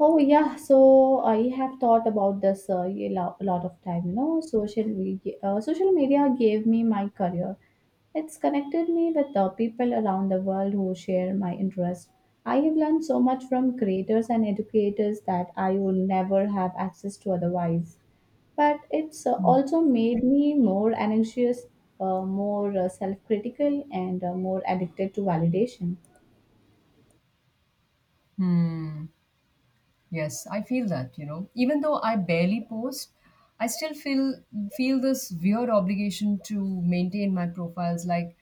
Oh yeah, so I have thought about this a lot of time. You know, social media gave me my career. It's connected me with the people around the world who share my interest. I have learned so much from creators and educators that I would never have access to otherwise. But it's also made me more anxious, more self-critical, and more addicted to validation. Hmm. Yes, I feel that, you know. Even though I barely post, I still feel this weird obligation to maintain my profiles. Like,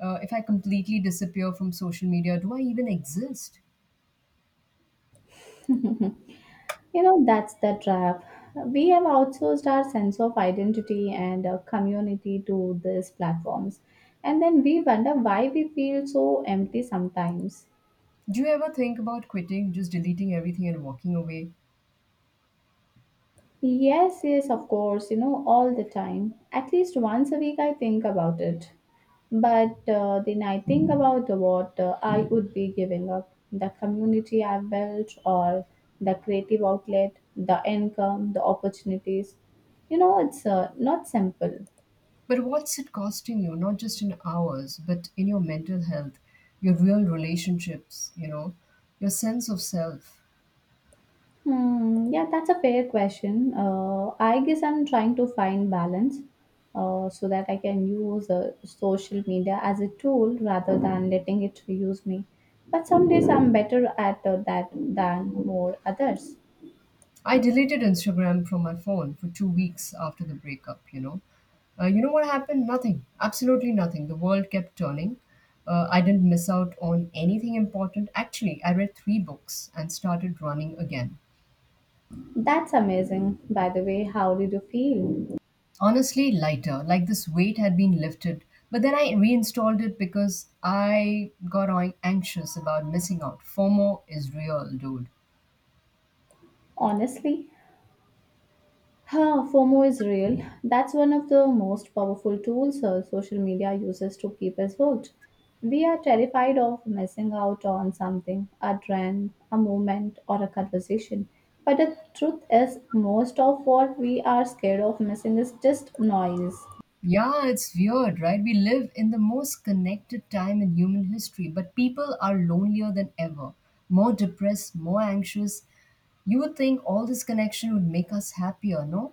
uh, if I completely disappear from social media, do I even exist? You know, that's the trap. We have outsourced our sense of identity and community to these platforms. And then we wonder why we feel so empty sometimes. Do you ever think about quitting, just deleting everything and walking away? Yes, yes, of course, you know, all the time. At least once a week, I think about it. But then I think about what I would be giving up the community I built, or the creative outlet, the income, the opportunities. It's not simple. But what's it costing you? Not just in hours, but in your mental health, your real relationships, you know, your sense of self. Hmm, yeah, that's a fair question. I guess I'm trying to find balance so that I can use social media as a tool rather than letting it use me. But some days I'm better at that than more others. I deleted Instagram from my phone for 2 weeks after the breakup, you know. You know what happened? Nothing. Absolutely nothing. The world kept turning. I didn't miss out on anything important. Actually, I read three books and started running again. That's amazing, by the way. How did you feel? Honestly, lighter, like this weight had been lifted. But then I reinstalled it because I got anxious about missing out. FOMO is real, dude. Honestly, FOMO is real. That's one of the most powerful tools social media uses to keep us hooked. We are terrified of missing out on something, a trend, a movement, or a conversation. But the truth is, most of what we are scared of missing is just noise. Yeah, it's weird, right? We live in the most connected time in human history, but people are lonelier than ever, more depressed, more anxious. You would think all this connection would make us happier, no?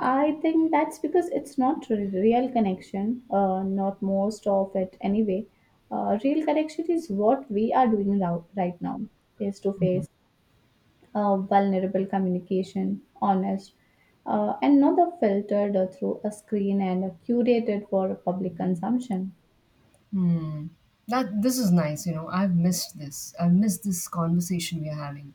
I think that's because it's not a real connection, not most of it anyway. Real connection is what we are doing now, right now, face to face, vulnerable communication, honest, and not the filtered through a screen and curated for public consumption. Hmm. That this is nice, you know. I've missed this. I've missed this conversation we're having.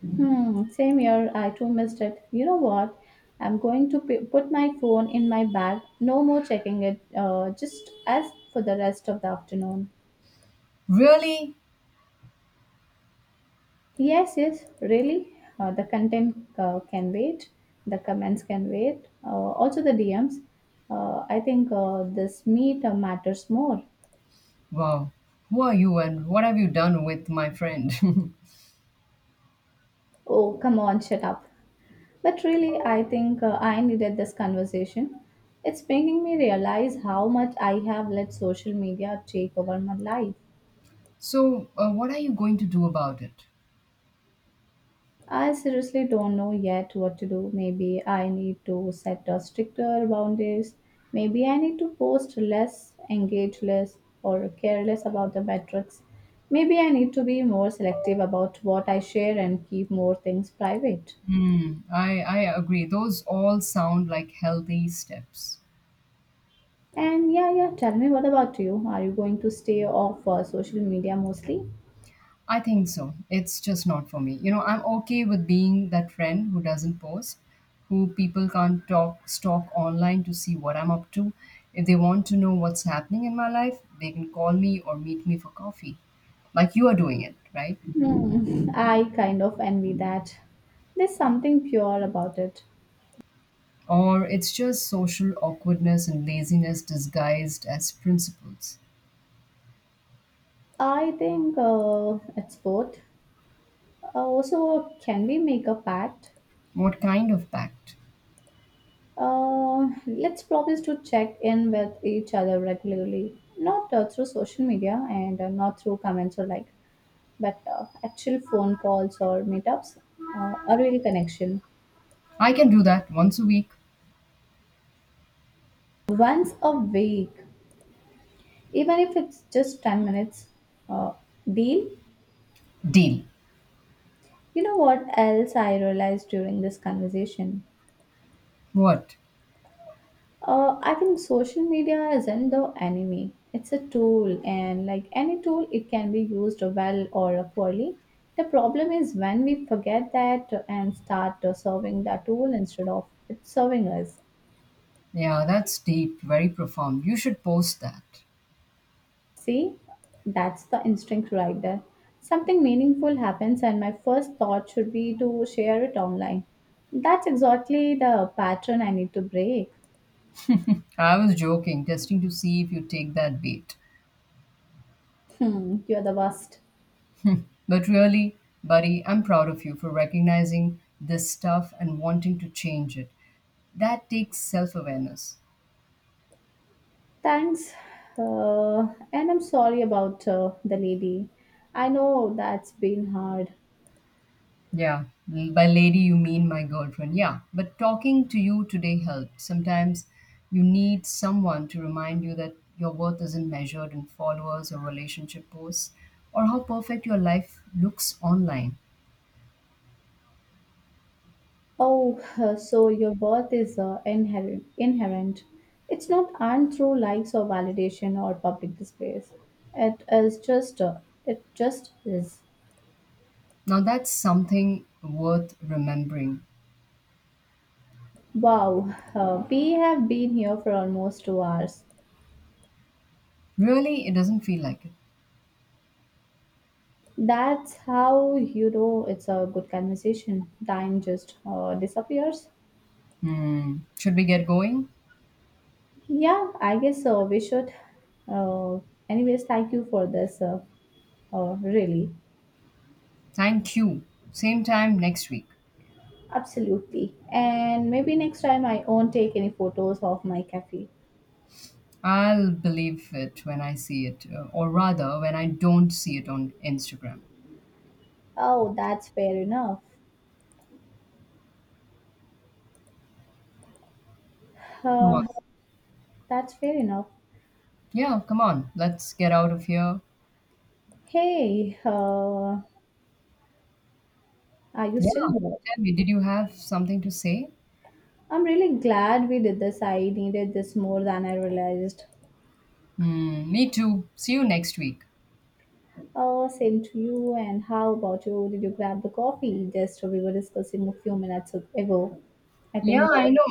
Hmm, same here, I too missed it. You know what? I'm going to put my phone in my bag, no more checking it, just as for the rest of the afternoon. Really? Yes, yes, really. The content can wait, the comments can wait, also the DMs. I think this meet matters more. Wow. Who are you and what have you done with my friend? Oh, come on, shut up. But really, I think I needed this conversation. It's making me realize how much I have let social media take over my life. So, what are you going to do about it? I seriously don't know yet what to do. Maybe I need to set a stricter boundaries. Maybe I need to post less, engage less, or care less about the metrics. Maybe I need to be more selective about what I share and keep more things private. Hmm. I agree. Those all sound like healthy steps. And yeah, yeah, tell me, what about you? Are you going to stay off social media mostly? I think so. It's just not for me. You know, I'm okay with being that friend who doesn't post, who people can't talk stalk online to see what I'm up to. If they want to know what's happening in my life, they can call me or meet me for coffee. Like you are doing it, right? Hmm, I kind of envy that. There's something pure about it. Or it's just social awkwardness and laziness disguised as principles. I think it's both. Also, can we make a pact? What kind of pact? Let's promise to check in with each other regularly, not through social media and not through comments or like, but actual phone calls or meetups, a real connection. I can do that once a week. Once a week. Even if it's just 10 minutes uh, deal. Deal. You know what else I realized during this conversation. What? I think social media isn't the enemy, it's a tool, and like any tool it can be used well or poorly. The problem is when we forget that and start serving the tool instead of it serving us. Yeah, that's deep, very profound. You should post that. See, that's the instinct right there. Something meaningful happens, and my first thought should be to share it online. That's exactly the pattern I need to break. I was joking, testing to see if you take that bait. Hmm, you're the worst. But really, buddy, I'm proud of you for recognizing this stuff and wanting to change it. That takes self awareness. Thanks. Uh, and I'm sorry about the lady. I know that's been hard. Yeah, by lady, you mean my girlfriend. Yeah, but talking to you today helped. Sometimes you need someone to remind you that your worth isn't measured in followers or relationship posts or how perfect your life looks online. Oh, so your worth is inherent. Inherent. It's not earned through likes or validation or public displays. It is just. It just is. Now, that's something worth remembering. Wow, we have been here for almost 2 hours. Really, it doesn't feel like it. That's how you know it's a good conversation. Time just disappears. Hmm. Should we get going? Yeah, I guess we should. Uh, Anyways, thank you for this. Really, Thank you. Same time next week. absolutely. And maybe next time I won't take any photos of my cafe. I'll believe it when I see it, or rather, when I don't see it on Instagram. Oh, that's fair enough. Come on. Uh, that's fair enough. Yeah, come on. Let's get out of here. Hey, are you Yeah. still there? Tell me, did you have something to say? I'm really glad we did this. I needed this more than I realized. Hmm. Me too. See you next week. Oh, same to you. And how about you? Did you grab the coffee? Just we were discussing a few minutes ago. I think Yeah, that, I know.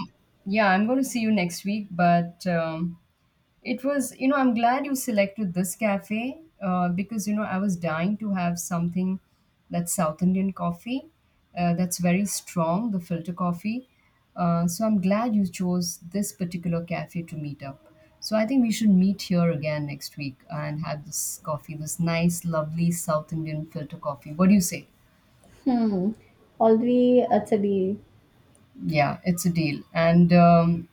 Yeah, I'm going to see you next week, but it was, you know, I'm glad you selected this cafe because, you know, I was dying to have something that's South Indian coffee, that's very strong, the filter coffee. So I'm glad you chose this particular cafe to meet up. So I think we should meet here again next week and have this coffee, this nice, lovely South Indian filter coffee. What do you say? hmm, already it's a deal. Yeah, it's a deal. And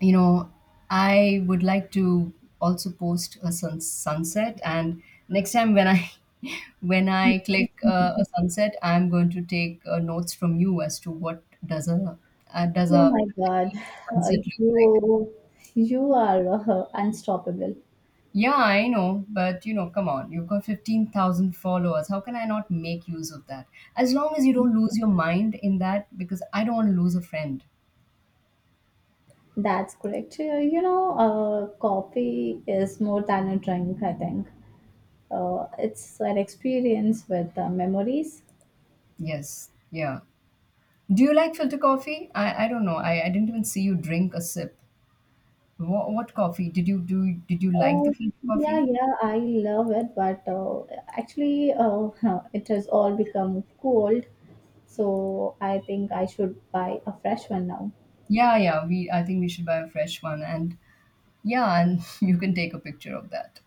you know, I would like to also post a sunset. And next time when I when I click a sunset, I'm going to take notes from you as to what does a uh, does Oh a my God, uh, sunset look like. you you are unstoppable. Yeah, I know, but you know, come on, you've got 15,000 followers. How can I not make use of that? As long as you don't lose your mind in that, because I don't want to lose a friend. That's correct. You know, coffee is more than a drink, I think. It's an experience with memories, Yes, yeah. Do you like filter coffee? I don't know. I didn't even see you drink a sip. What coffee did you do? Did you like Uh, the filter yeah, coffee? yeah, I love it, but actually, it has all become cold, so I think I should buy a fresh one now. Yeah, yeah. We I think we should buy a fresh one, and yeah, and you can take a picture of that.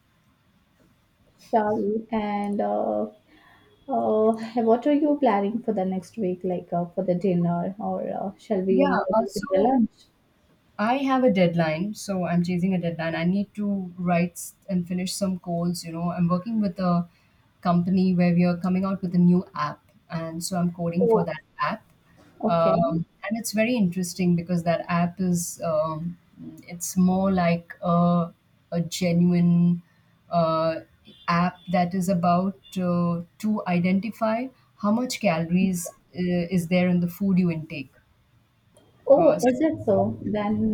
Shall we? And uh, what are you planning for the next week, like for the dinner, or shall we Yeah. make Uh, it with the so lunch? I have a deadline, so I'm chasing a deadline. I need to write and finish some goals. You know, I'm working with a company where we are coming out with a new app, and so I'm coding for Oh, that app. okay. And it's very interesting because that app is, it's more like a genuine uh, app that is about to identify how much calories is there in the food you intake. Oh, Uh, so is it so?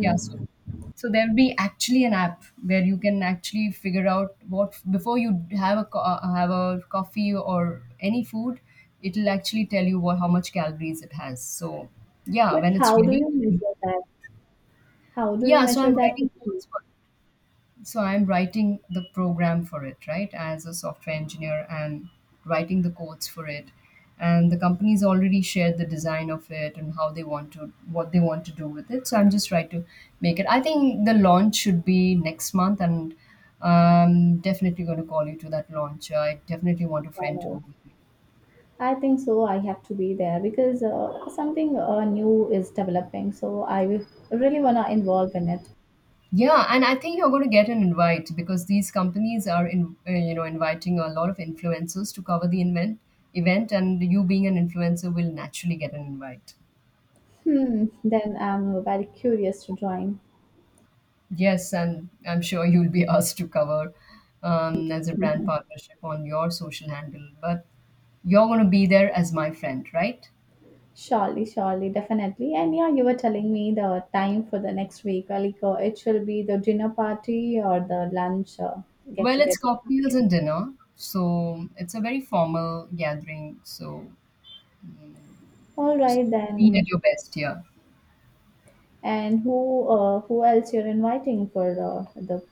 yeah, so so there'll be actually an app where you can actually figure out what before you have a have a coffee or any food, it'll actually tell you what how much calories it has. So yeah, but when it's how do ready. you measure that? How do you Yeah, so measure I'm that? writing codes, so I'm writing the program for it, right, as a software engineer, and writing the codes for it, and the company's already shared the design of it and how they want to what they want to do with it. So I'm just trying to make it. I think the launch should be next month, and I'm definitely going to call you to that launch. I definitely want a friend to go with me. I think so. I have to be there because something new is developing. Really want to involve in it. Yeah, and I think you're going to get an invite because these companies are you know, inviting a lot of influencers to cover the event, and you being an influencer will naturally get an invite. Hmm. Then I'm very curious to join. Yes, and I'm sure you'll be asked to cover as a brand Mhm. partnership on your social handle, but you're going to be there as my friend, right? Surely, surely, definitely. And yeah, you were telling me the time for the next week. Like it shall be the dinner party or the lunch get Well, it's together. cocktails and dinner, so it's a very formal gathering. So All right be then. at your best, yeah. And who else you're inviting for the the?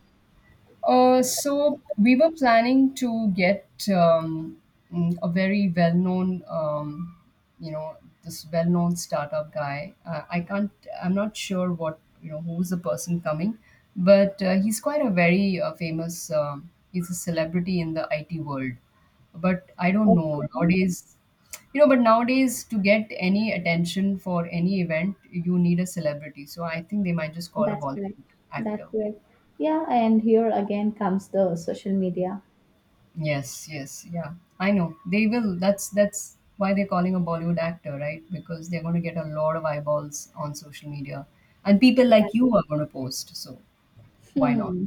So we were planning to get um, a very well-known, you know, this well-known startup guy. I can't. I'm not sure what you know who's the person coming, but he's quite a very famous. He's a celebrity in the IT world, but I don't know Okay. nowadays. You know, but nowadays to get any attention for any event, you need a celebrity. So I think they might just call a That's correct. Bollywood That's actor. correct. Yeah, and here again comes the social media. Yes, yes, yeah. I know. They will. That's why they're calling a Bollywood actor, right? Because they're going to get a lot of eyeballs on social media. And people That, like you are going to post, so why not? hmm.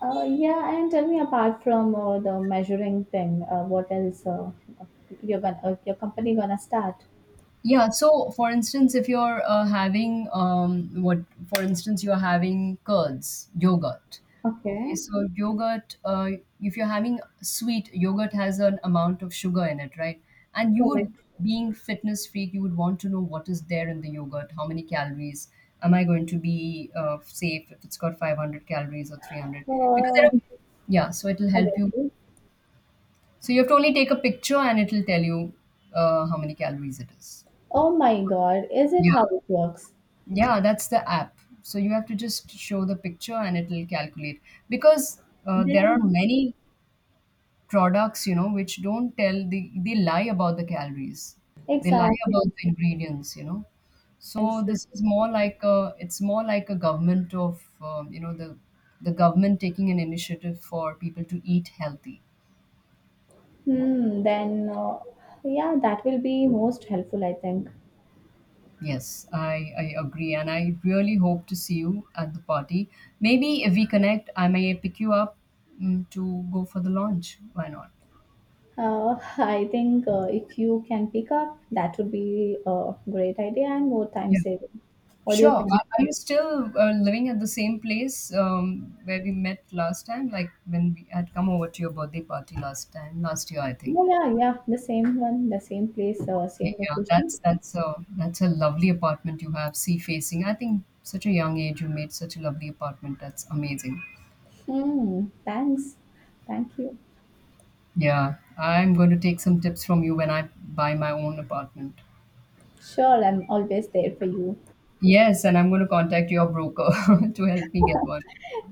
Yeah, and tell me, apart from the measuring thing, what else you're gonna your company gonna start? Yeah. So, for instance, if you're for instance, you're having curds, yogurt. Okay. Okay, So, yogurt, if you're having sweet, yogurt has an amount of sugar in it, right? And you correct. would, being fitness freak, you would want to know what is there in the yogurt, how many calories. Am I going to be safe if it's got 500 calories or 300? Because Uh, there are, yeah, so it'll help you. Obviously. So you have to only take a picture and it'll tell you how many calories it is. Oh my God, is it Yeah. how it works? Yeah, that's the app. So you have to just show the picture and it will calculate. Because there are Then many products, you know, which don't tell they lie about the calories. They lie exactly, about the ingredients, you know. So exactly. this is more like a it's more like a government of you know the government taking an initiative for people to eat healthy. Hmm. Then yeah, that will be most helpful, I think. Yes, I agree. And I really hope to see you at the party. Maybe if we connect, I may pick you up to go for the launch. Why not? I think if you can pick up, that would be a great idea and more time Yeah. saving. What do you Sure. think? Are you still living at the same place where we met last time? Like when we had come over to your birthday party last time, last year, I think. Yeah, yeah, yeah. The same one, the same place, same Okay, yeah, location. that's a lovely apartment you have, sea facing. I think such a young age you made such a lovely apartment. That's amazing. Hmm. Thanks. Thank you. Yeah, I'm going to take some tips from you when I buy my own apartment. Sure, I'm always there for you. Yes, and I'm going to contact your broker to help me get one.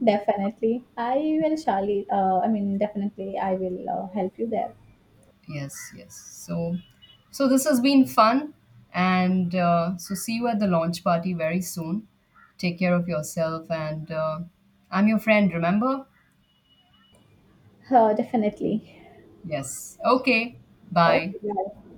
Definitely, I will, Charlie. I mean, definitely, I will help you there. Yes, yes. So, so this has been fun, and so see you at the launch party very soon. Take care of yourself, and I'm your friend. Remember? Definitely. Yes. Okay. Bye. Okay. Bye.